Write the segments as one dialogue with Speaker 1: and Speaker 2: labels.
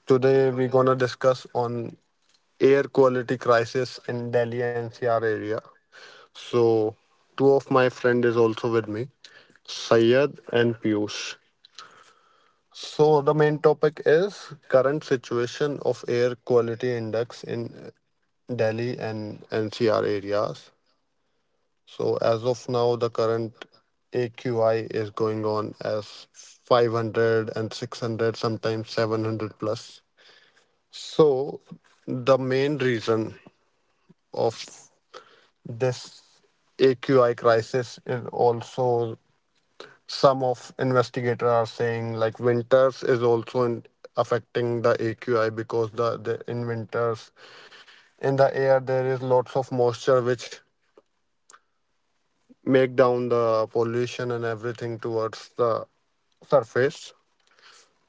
Speaker 1: Today we're gonna discuss on air quality crisis in Delhi NCR area. So two of my friend is also with me, Sayed and Piyush. So the main topic is current situation of air quality index in Delhi and NCR areas. So as of now, the current AQI is going on as 500 and 600, sometimes 700 plus. So the main reason of this AQI crisis is also some of investigators are saying like winters is also in, affecting the AQI because the in winters in the air there is lots of moisture which make down the pollution and everything towards the surface.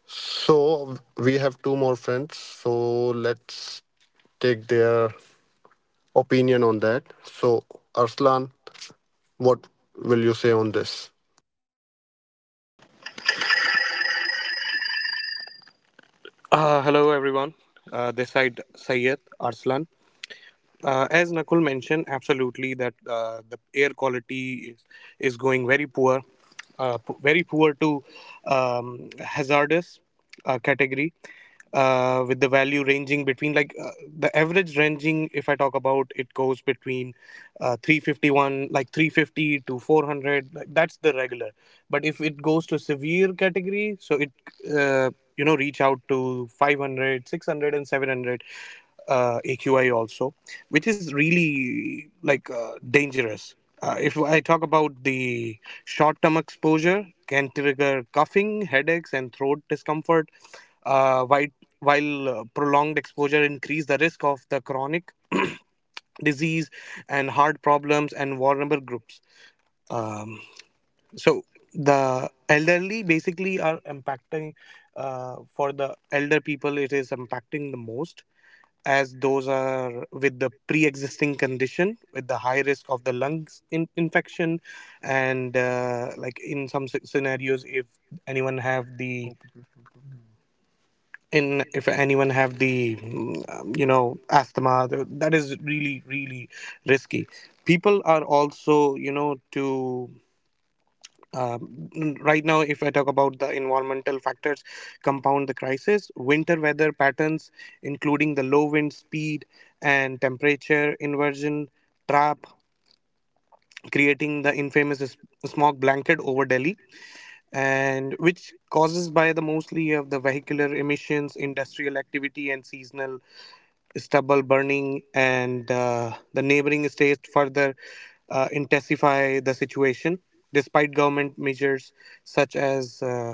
Speaker 1: So we have two more friends. So let's take their opinion on that. So Arslan, what will you say on this?
Speaker 2: Hello everyone. This side Syed Arslan, as Nakul mentioned, absolutely that the air quality is going very poor, very poor to hazardous category, with the value ranging between like the average ranging. If I talk about it, goes between 351, like 350 to 400. Like, that's the regular. But if it goes to severe category, so it reach out to 500, 600, and 700 AQI also, which is really like dangerous. If I talk about the short term exposure, can trigger coughing, headaches, and throat discomfort. Uh, while while prolonged exposure increase the risk of the chronic disease and heart problems and vulnerable groups. Um, so the elderly basically are impacting, for the elder people it is impacting the most, as those are with the pre-existing condition with the high risk of the lungs infection. And like in some scenarios, if anyone have the in if anyone have the asthma, that is really really risky. People are also to um, right now, if I talk about the environmental factors, compound the crisis. Winter weather patterns, including the low wind speed and temperature inversion trap, creating the infamous smog blanket over Delhi, and which causes by the mostly of the vehicular emissions, industrial activity, and seasonal stubble burning, and the neighboring states further intensify the situation despite government measures such as uh,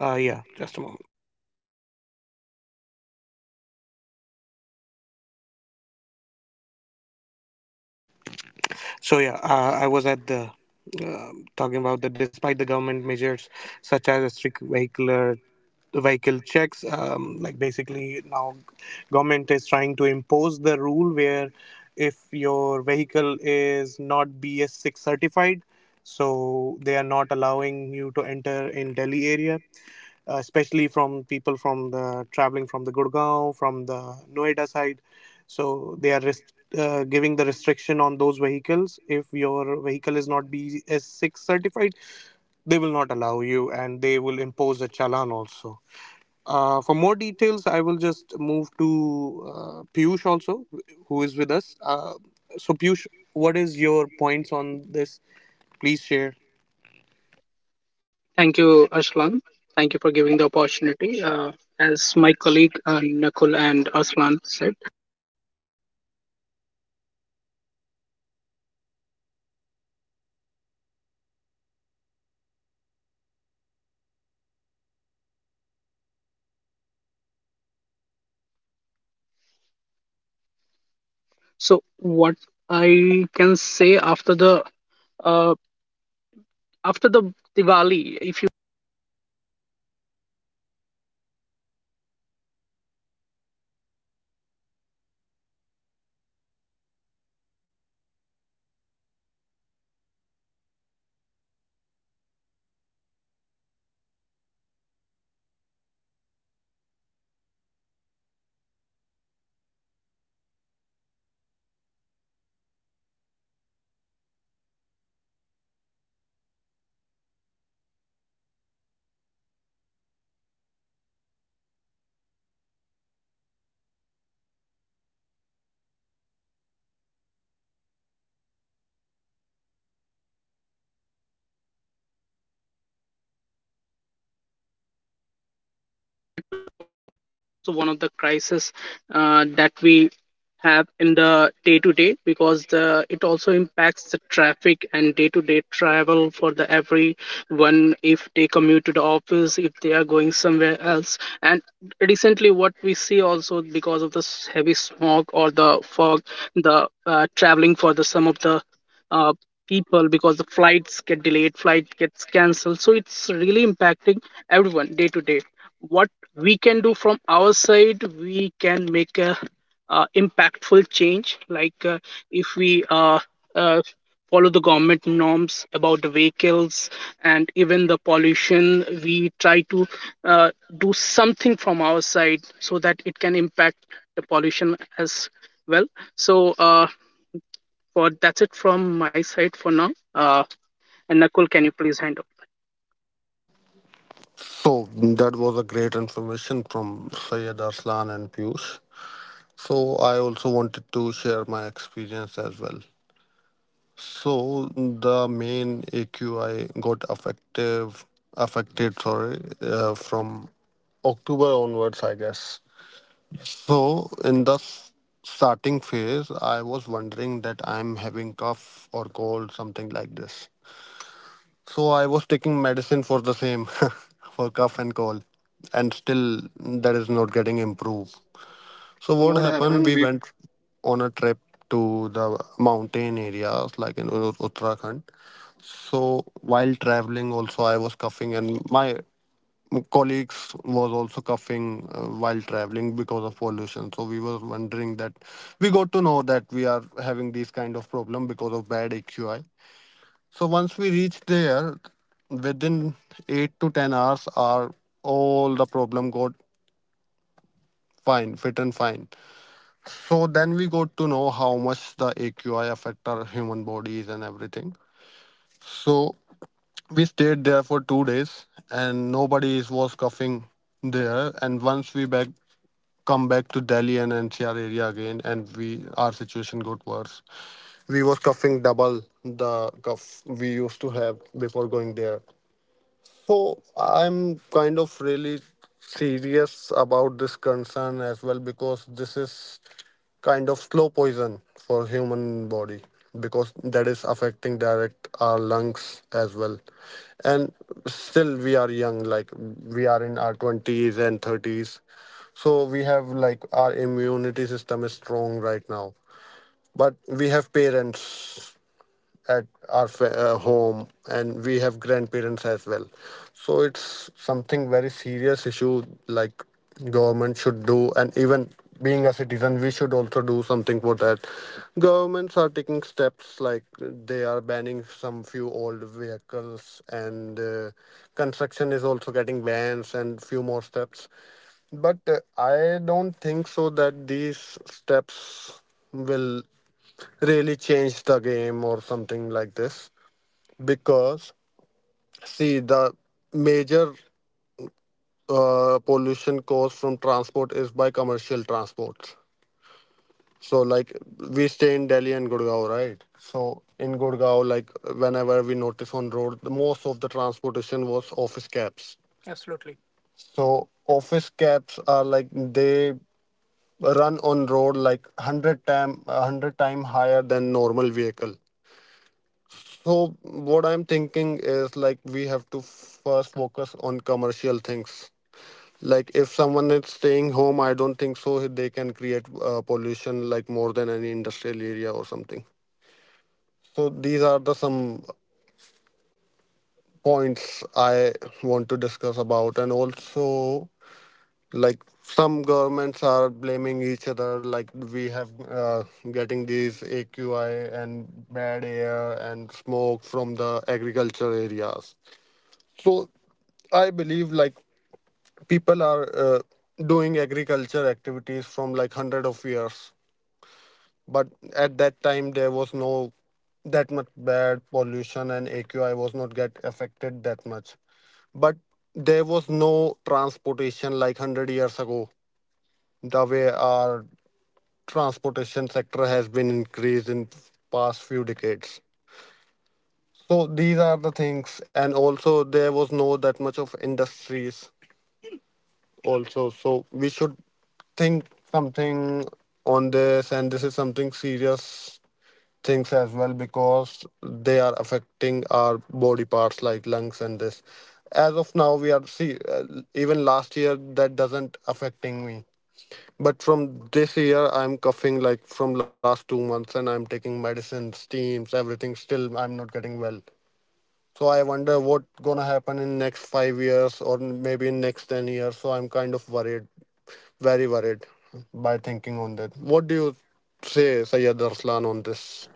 Speaker 2: uh, yeah, just a moment. So yeah, I was at the talking about that. Despite the government measures such as strict vehicular vehicle checks, like basically now government is trying to impose the rule where if your vehicle is not BS6 certified, so they are not allowing you to enter in Delhi area, especially from people from the traveling from the Gurgaon, from the Noida side. So they are giving the restriction on those vehicles. If your vehicle is not BS6 certified, they will not allow you, and they will impose a challan also. For more details, I will just move to Piyush also, who is with us. So Piyush, what is your points on this? Please share.
Speaker 3: Thank you, Aslan. Thank you for giving the opportunity. As my colleague Nakul and Aslan said, so what I can say uh, after the Diwali, if you. Also one of the crises that we have in the day to day, because the it also impacts the traffic and day to day travel for the everyone if they commute to the office, if they are going somewhere else. And recently what we see also because of this heavy smog or the fog, the traveling for the some of the uh, people, because the flights get delayed, flight gets cancelled, so it's really impacting everyone day to day. What we can do from our side, we can make a impactful change, like if we uh, follow the government norms about the vehicles, and even the pollution we try to uh, do something from our side so that it can impact the pollution as well. So for that's it from my side for now. And Nakul, can you please hand
Speaker 1: So that was a great information from Syed Arslan and Piyush. So I also wanted to share my experience as well. So the main AQI got effective affected sorry from October onwards, I guess. So in the starting phase, I was wondering that I'm having cough or cold, something like this. So I was taking medicine for the same, for cough and cold, and still that is not getting improved.
Speaker 3: over?
Speaker 1: So
Speaker 3: So
Speaker 1: what
Speaker 3: what
Speaker 1: happened? We
Speaker 3: happened? We
Speaker 1: went on a trip to the mountain areas like in Uttarakhand. So while traveling, also I was coughing, and my colleagues was also coughing while traveling because of pollution. So we were wondering that we got to know that we are having these kind of problem because of bad AQI. So once we reach there, within 8 to 10 hours, our all the problem got fine, fit and fine. So then we got to know how much the AQI affect our human bodies and everything. So we stayed there for 2 days, and nobody was coughing there. And once we back come back to Delhi and NCR area again, and we our situation got worse. We was coughing double the cough we used to have before going there. So I'm kind of really serious about this concern as well because this is kind of slow poison for human body because that is affecting direct our lungs as well. And still we are young, like we are in our 20s and 30s, so we have like our immunity system is strong right now, but we have parents at our home and we have grandparents as well. So it's something very serious issue like government should do, and even being a citizen we should also do something for that. Governments are taking steps like they are banning some few old vehicles, and construction is also getting bans and few more steps, but I don't think so that these steps will really change the game or something like this because see the major pollution caused from transport is by commercial transports. So like we stay in Delhi and Gurgaon, right? So in Gurgaon, like whenever we notice on road, the most of the transportation was office cabs. So office cabs are like they run on road like 100 time 100 time higher than normal vehicle. So what I'm thinking is like we have to first focus on commercial things. Like if someone is staying home, I don't think so they can create pollution like more than any industrial area or something. So these are the some points I want to discuss about, and also like some governments are blaming each other. Like we have getting these AQI and bad air and smoke from the agriculture areas. So I believe like people are doing agriculture activities from like hundred of years, but at that time there was no that much bad pollution and AQI was not get affected that much. But there was no transportation like hundred years ago. The way our transportation sector has been increased in past few decades. So these are the things, and also there was no that much of industries also, so we should think something on this, and this is something serious things as well because they are affecting our body parts like lungs and this. As of now we are see even last year that doesn't affecting me, but from this year I'm coughing like from last 2 months and I'm taking medicines, steams, everything, still I'm not getting well. So I wonder what gonna happen in next 5 years or maybe in next 10 years. So I'm kind of worried, very worried, by thinking on that. What do you say, Sayyid Arslan, on this?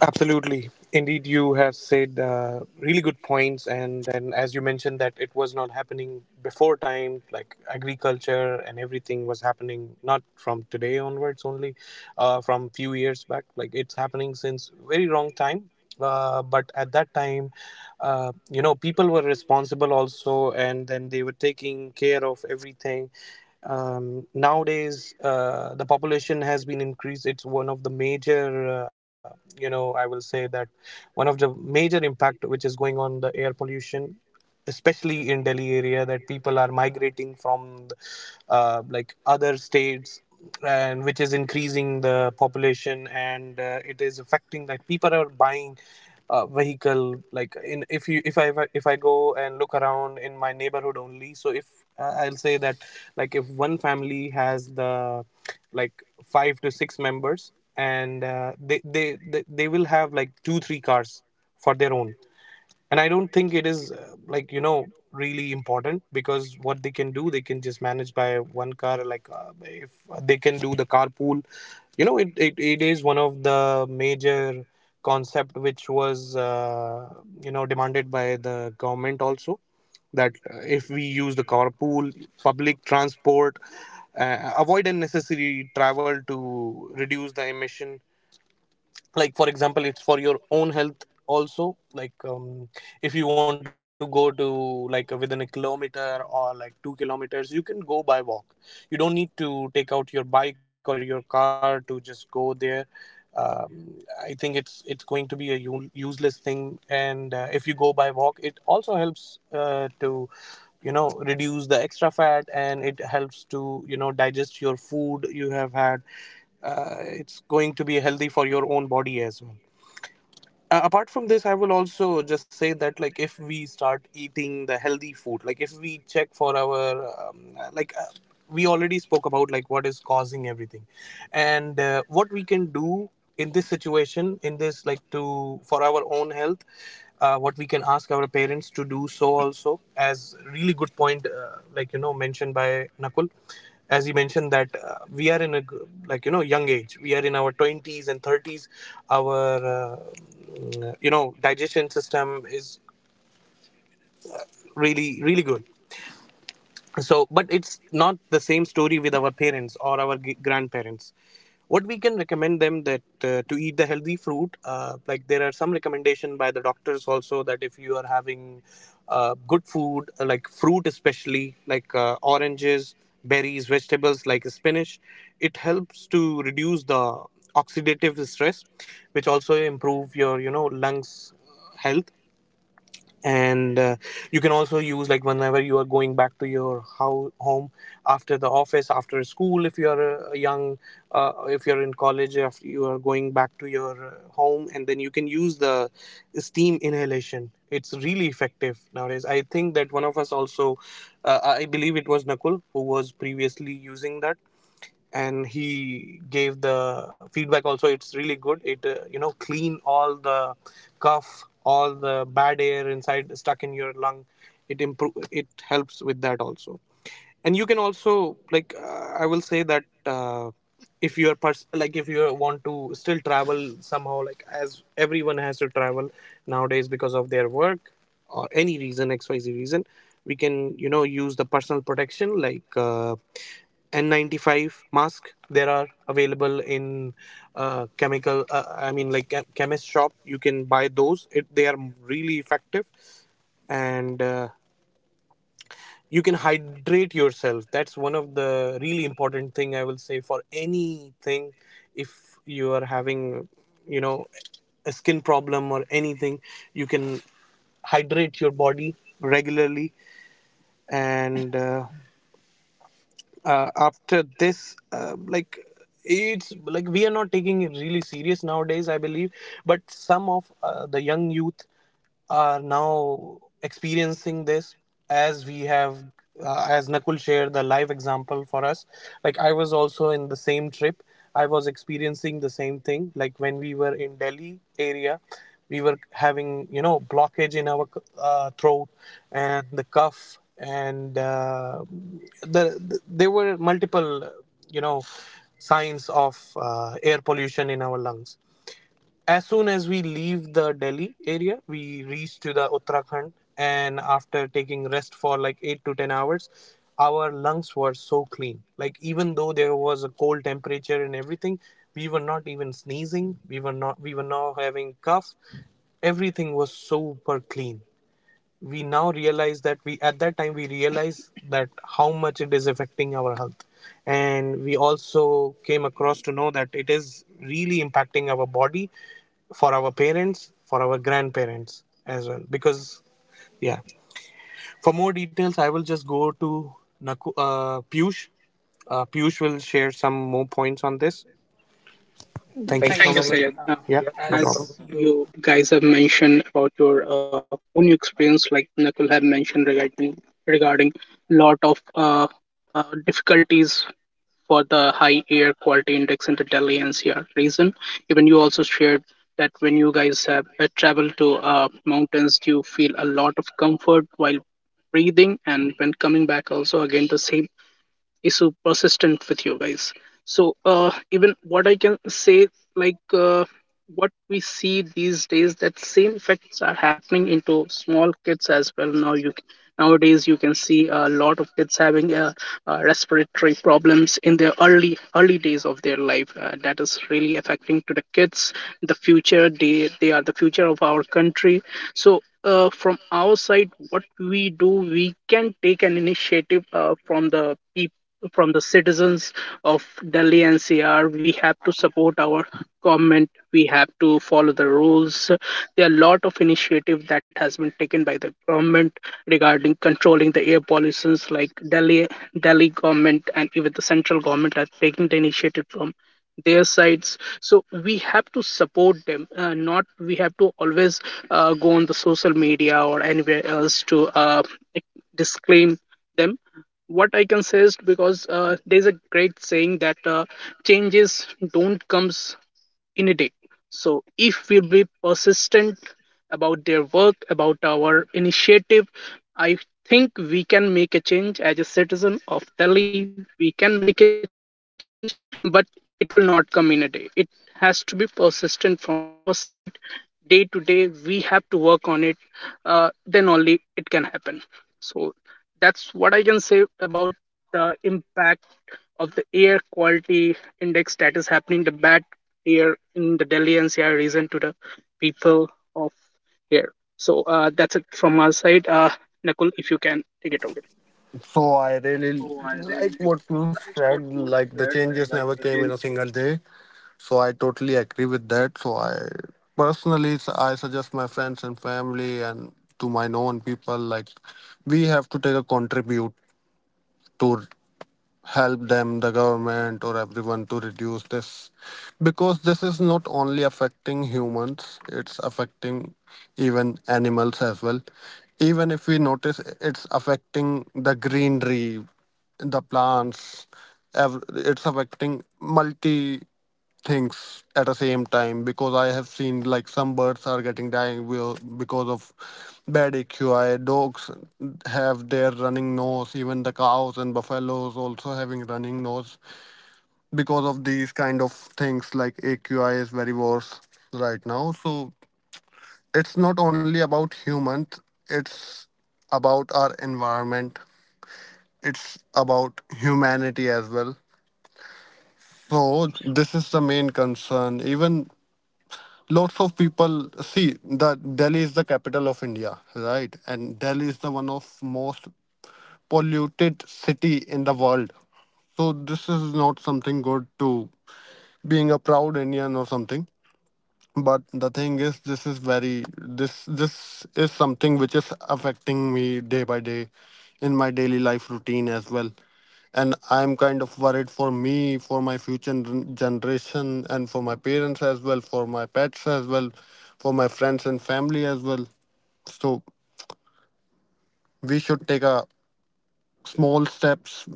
Speaker 2: Absolutely. Indeed, you have said really good points. And then, as you mentioned, that it was not happening before time, like agriculture and everything was happening not from today onwards only, from few years back. Like it's happening since very long time. But at that time, people were responsible also, and then they were taking care of everything. Nowadays, the population has been increased. It's one of the major, I will say that one of the major impact which is going on the air pollution, especially in Delhi area, that people are migrating from like other states, and which is increasing the population. And it is affecting that people are buying vehicle. Like, in if I go and look around in my neighborhood only, so if, I'll say that, like, if one family has the, like, five to six members, and they will have, like, two three cars for their own. And I don't think it is, like, really important, because what they can do, they can just manage by one car. Like, if they can do the carpool, it is one of the major concept, which was demanded by the government also, that if we use the carpool, public transport, avoid unnecessary travel to reduce the emission. Like, for example, it's for your own health also. Like, if you want to go to, like, within a kilometer or like 2 kilometers, you can go by walk. You don't need to take out your bike or your car to just go there. I think it's going to be a useless thing. And if you go by walk, it also helps, to reduce the extra fat, and it helps to digest your food you have had. It's going to be healthy for your own body as well. Apart from this, I will also just say that, like, if we start eating the healthy food, like, if we check for our um, uh, like uh, we already spoke about like what is causing everything, and what we can do in this situation, in this, like, to for our own health. What we can ask our parents to do, so also as really good point, like, mentioned by Nakul, as you mentioned that, we are in a like, young age. We are in our 20s and 30s. Our uh, digestion system is really really good. So, but it's not the same story with our parents or our grandparents. What we can recommend them, that to eat the healthy fruit. Like, there are some recommendation by the doctors also, that if you are having good food, like fruit, especially like oranges, berries, vegetables like spinach. It helps to reduce the oxidative stress, which also improve your lungs health. And you can also use, like, whenever you are going back to your how home, after the office, after school. If you are a young, if you're in college, after you are going back to your home, and then you can use the steam inhalation. It's really effective nowadays. I think that one of us also, I believe it was Nakul who was previously using that, and he gave the feedback also. It's really good. It, clean all the cough, all the bad air inside stuck in your lung. It improve, it helps with that also. And you can also, like, I will say that, if you are like, if you want to still travel somehow, like, as everyone has to travel nowadays because of their work or any reason, xyz reason. We can use the personal protection, like, N95 mask. There are available in chemical. I mean, like chemist shop. You can buy those. They are really effective, and you can hydrate yourself. That's one of the really important thing, I will say, for anything. If you are having you know a skin problem or anything, you can hydrate your body regularly. And after this, like, it's like we are not taking it really serious nowadays, I believe. But some of the young youth are now experiencing this. As we have, as Nakul shared the live example for us, like I was also in the same trip. I was experiencing the same thing, like when we were in Delhi area, we were having blockage in our throat, and the cough, and there were multiple you know signs of air pollution in our lungs. As soon as we leave the Delhi area, we reach to the Uttarakhand, and after taking rest for like 8 to 10 hours, our lungs were so clean. Like, even though there was a cold temperature and everything, we were not even sneezing. We were not. We were not having cough. Everything was super clean. We now realize that, we at that time we realize that how much it is affecting our health. And we also came across to know that it is really impacting our body, for our parents, for our grandparents as well, because yeah, for more details, I will just go to Piyush. Piyush will share some more points on this. Thank you
Speaker 3: thank you.
Speaker 2: so
Speaker 3: Thank you
Speaker 2: much.
Speaker 3: so much, Sayed.
Speaker 2: Yeah,
Speaker 3: Yeah, no
Speaker 2: no
Speaker 3: problem. As problem. You
Speaker 2: problem.
Speaker 3: guys have mentioned about your own experience, like Nakul have mentioned regarding regarding lot of difficulties for the high air quality index in the Delhi NCR region. Even you also shared that when you guys have travel to mountains, you feel a lot of comfort while breathing, and when coming back, also again the same is so persistent with you guys. So even what I can say, like what we see these days, that same effects are happening into small kids as well. Nowadays you can see a lot of kids having respiratory problems in their early days of their life. Uh, that is really affecting to the kids. The future, they are the future of our country. So from our side, what we do, we can take an initiative from the people, from the citizens of Delhi NCR. We have to support our government. We have to follow the rules. There are a lot of initiative that has been taken by the government regarding controlling the air pollutions, like Delhi government, and even the central government are taking the initiative from their sides. So we have to support them, not we have to always go on the social media or anywhere else to disclaim them. What I can say is, because there's a great saying that changes don't comes in a day. So, if we be persistent about their work, about our initiative, I think we can make a change. As a citizen of Delhi, we can make a change, but it will not come in a day. It has to be persistent from our side. Day to day, we have to work on it. Then only it can happen. So, that's what I can say about the impact of the air quality index that is happening, the bad here in the Delhi NCR region to the people of here. So that's it from our side. Nakul, if you can take it over.
Speaker 1: So I really like what you said.
Speaker 3: What
Speaker 1: Like the
Speaker 3: you
Speaker 1: changes
Speaker 3: said,
Speaker 1: never came in a
Speaker 3: like
Speaker 1: single day. So I totally agree with that. So I personally, I suggest my friends and family and to my known people, like we have to take a contribute to help them, the government, or everyone to reduce this. Because this is not only affecting humans, it's affecting even animals as well. Even if we notice, it's affecting the greenery, the plants, it's affecting multi things at the same time because I have seen like some birds are getting dying will because of bad AQI. Dogs have their running nose. Even the cows and buffaloes also having running nose because of these kind of things. Like AQI is very worse right now. So it's not only about humans. It's about our environment. It's about humanity as well. So this is the main concern. Even lots of people see that Delhi is the capital of India, right? And Delhi is the one of most polluted city in the world. So this is not something good to being a proud Indian or something, but the thing is this is very this this is something which is affecting me day by day in my daily life routine as well, and I'm kind of worried for me, for my future generation and for my parents as well, for my pets as well, for my friends and family as well. So we should take a small steps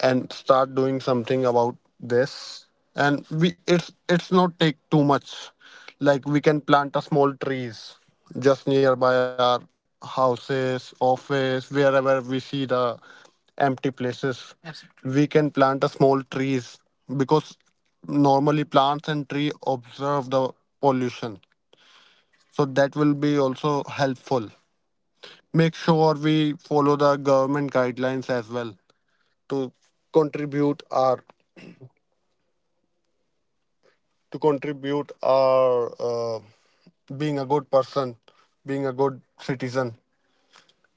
Speaker 1: and start doing something about this, and we it's not take too much. Like we can plant a small trees just nearby our houses, office, wherever we see the empty places, absolutely, we can plant a small trees because normally plants and tree observe the pollution, so that will be also helpful. Make sure we follow the government guidelines as well to contribute our to contribute our uh, being a good person, being a good citizen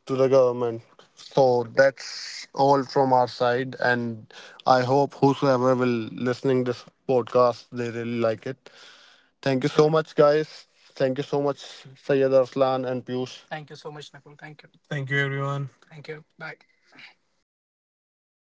Speaker 1: to the government. So that's all from our side, and I hope whosoever will listening this podcast, they really like it. Thank you so much, guys. Thank you so much, Sayyid Arslan and Piyush.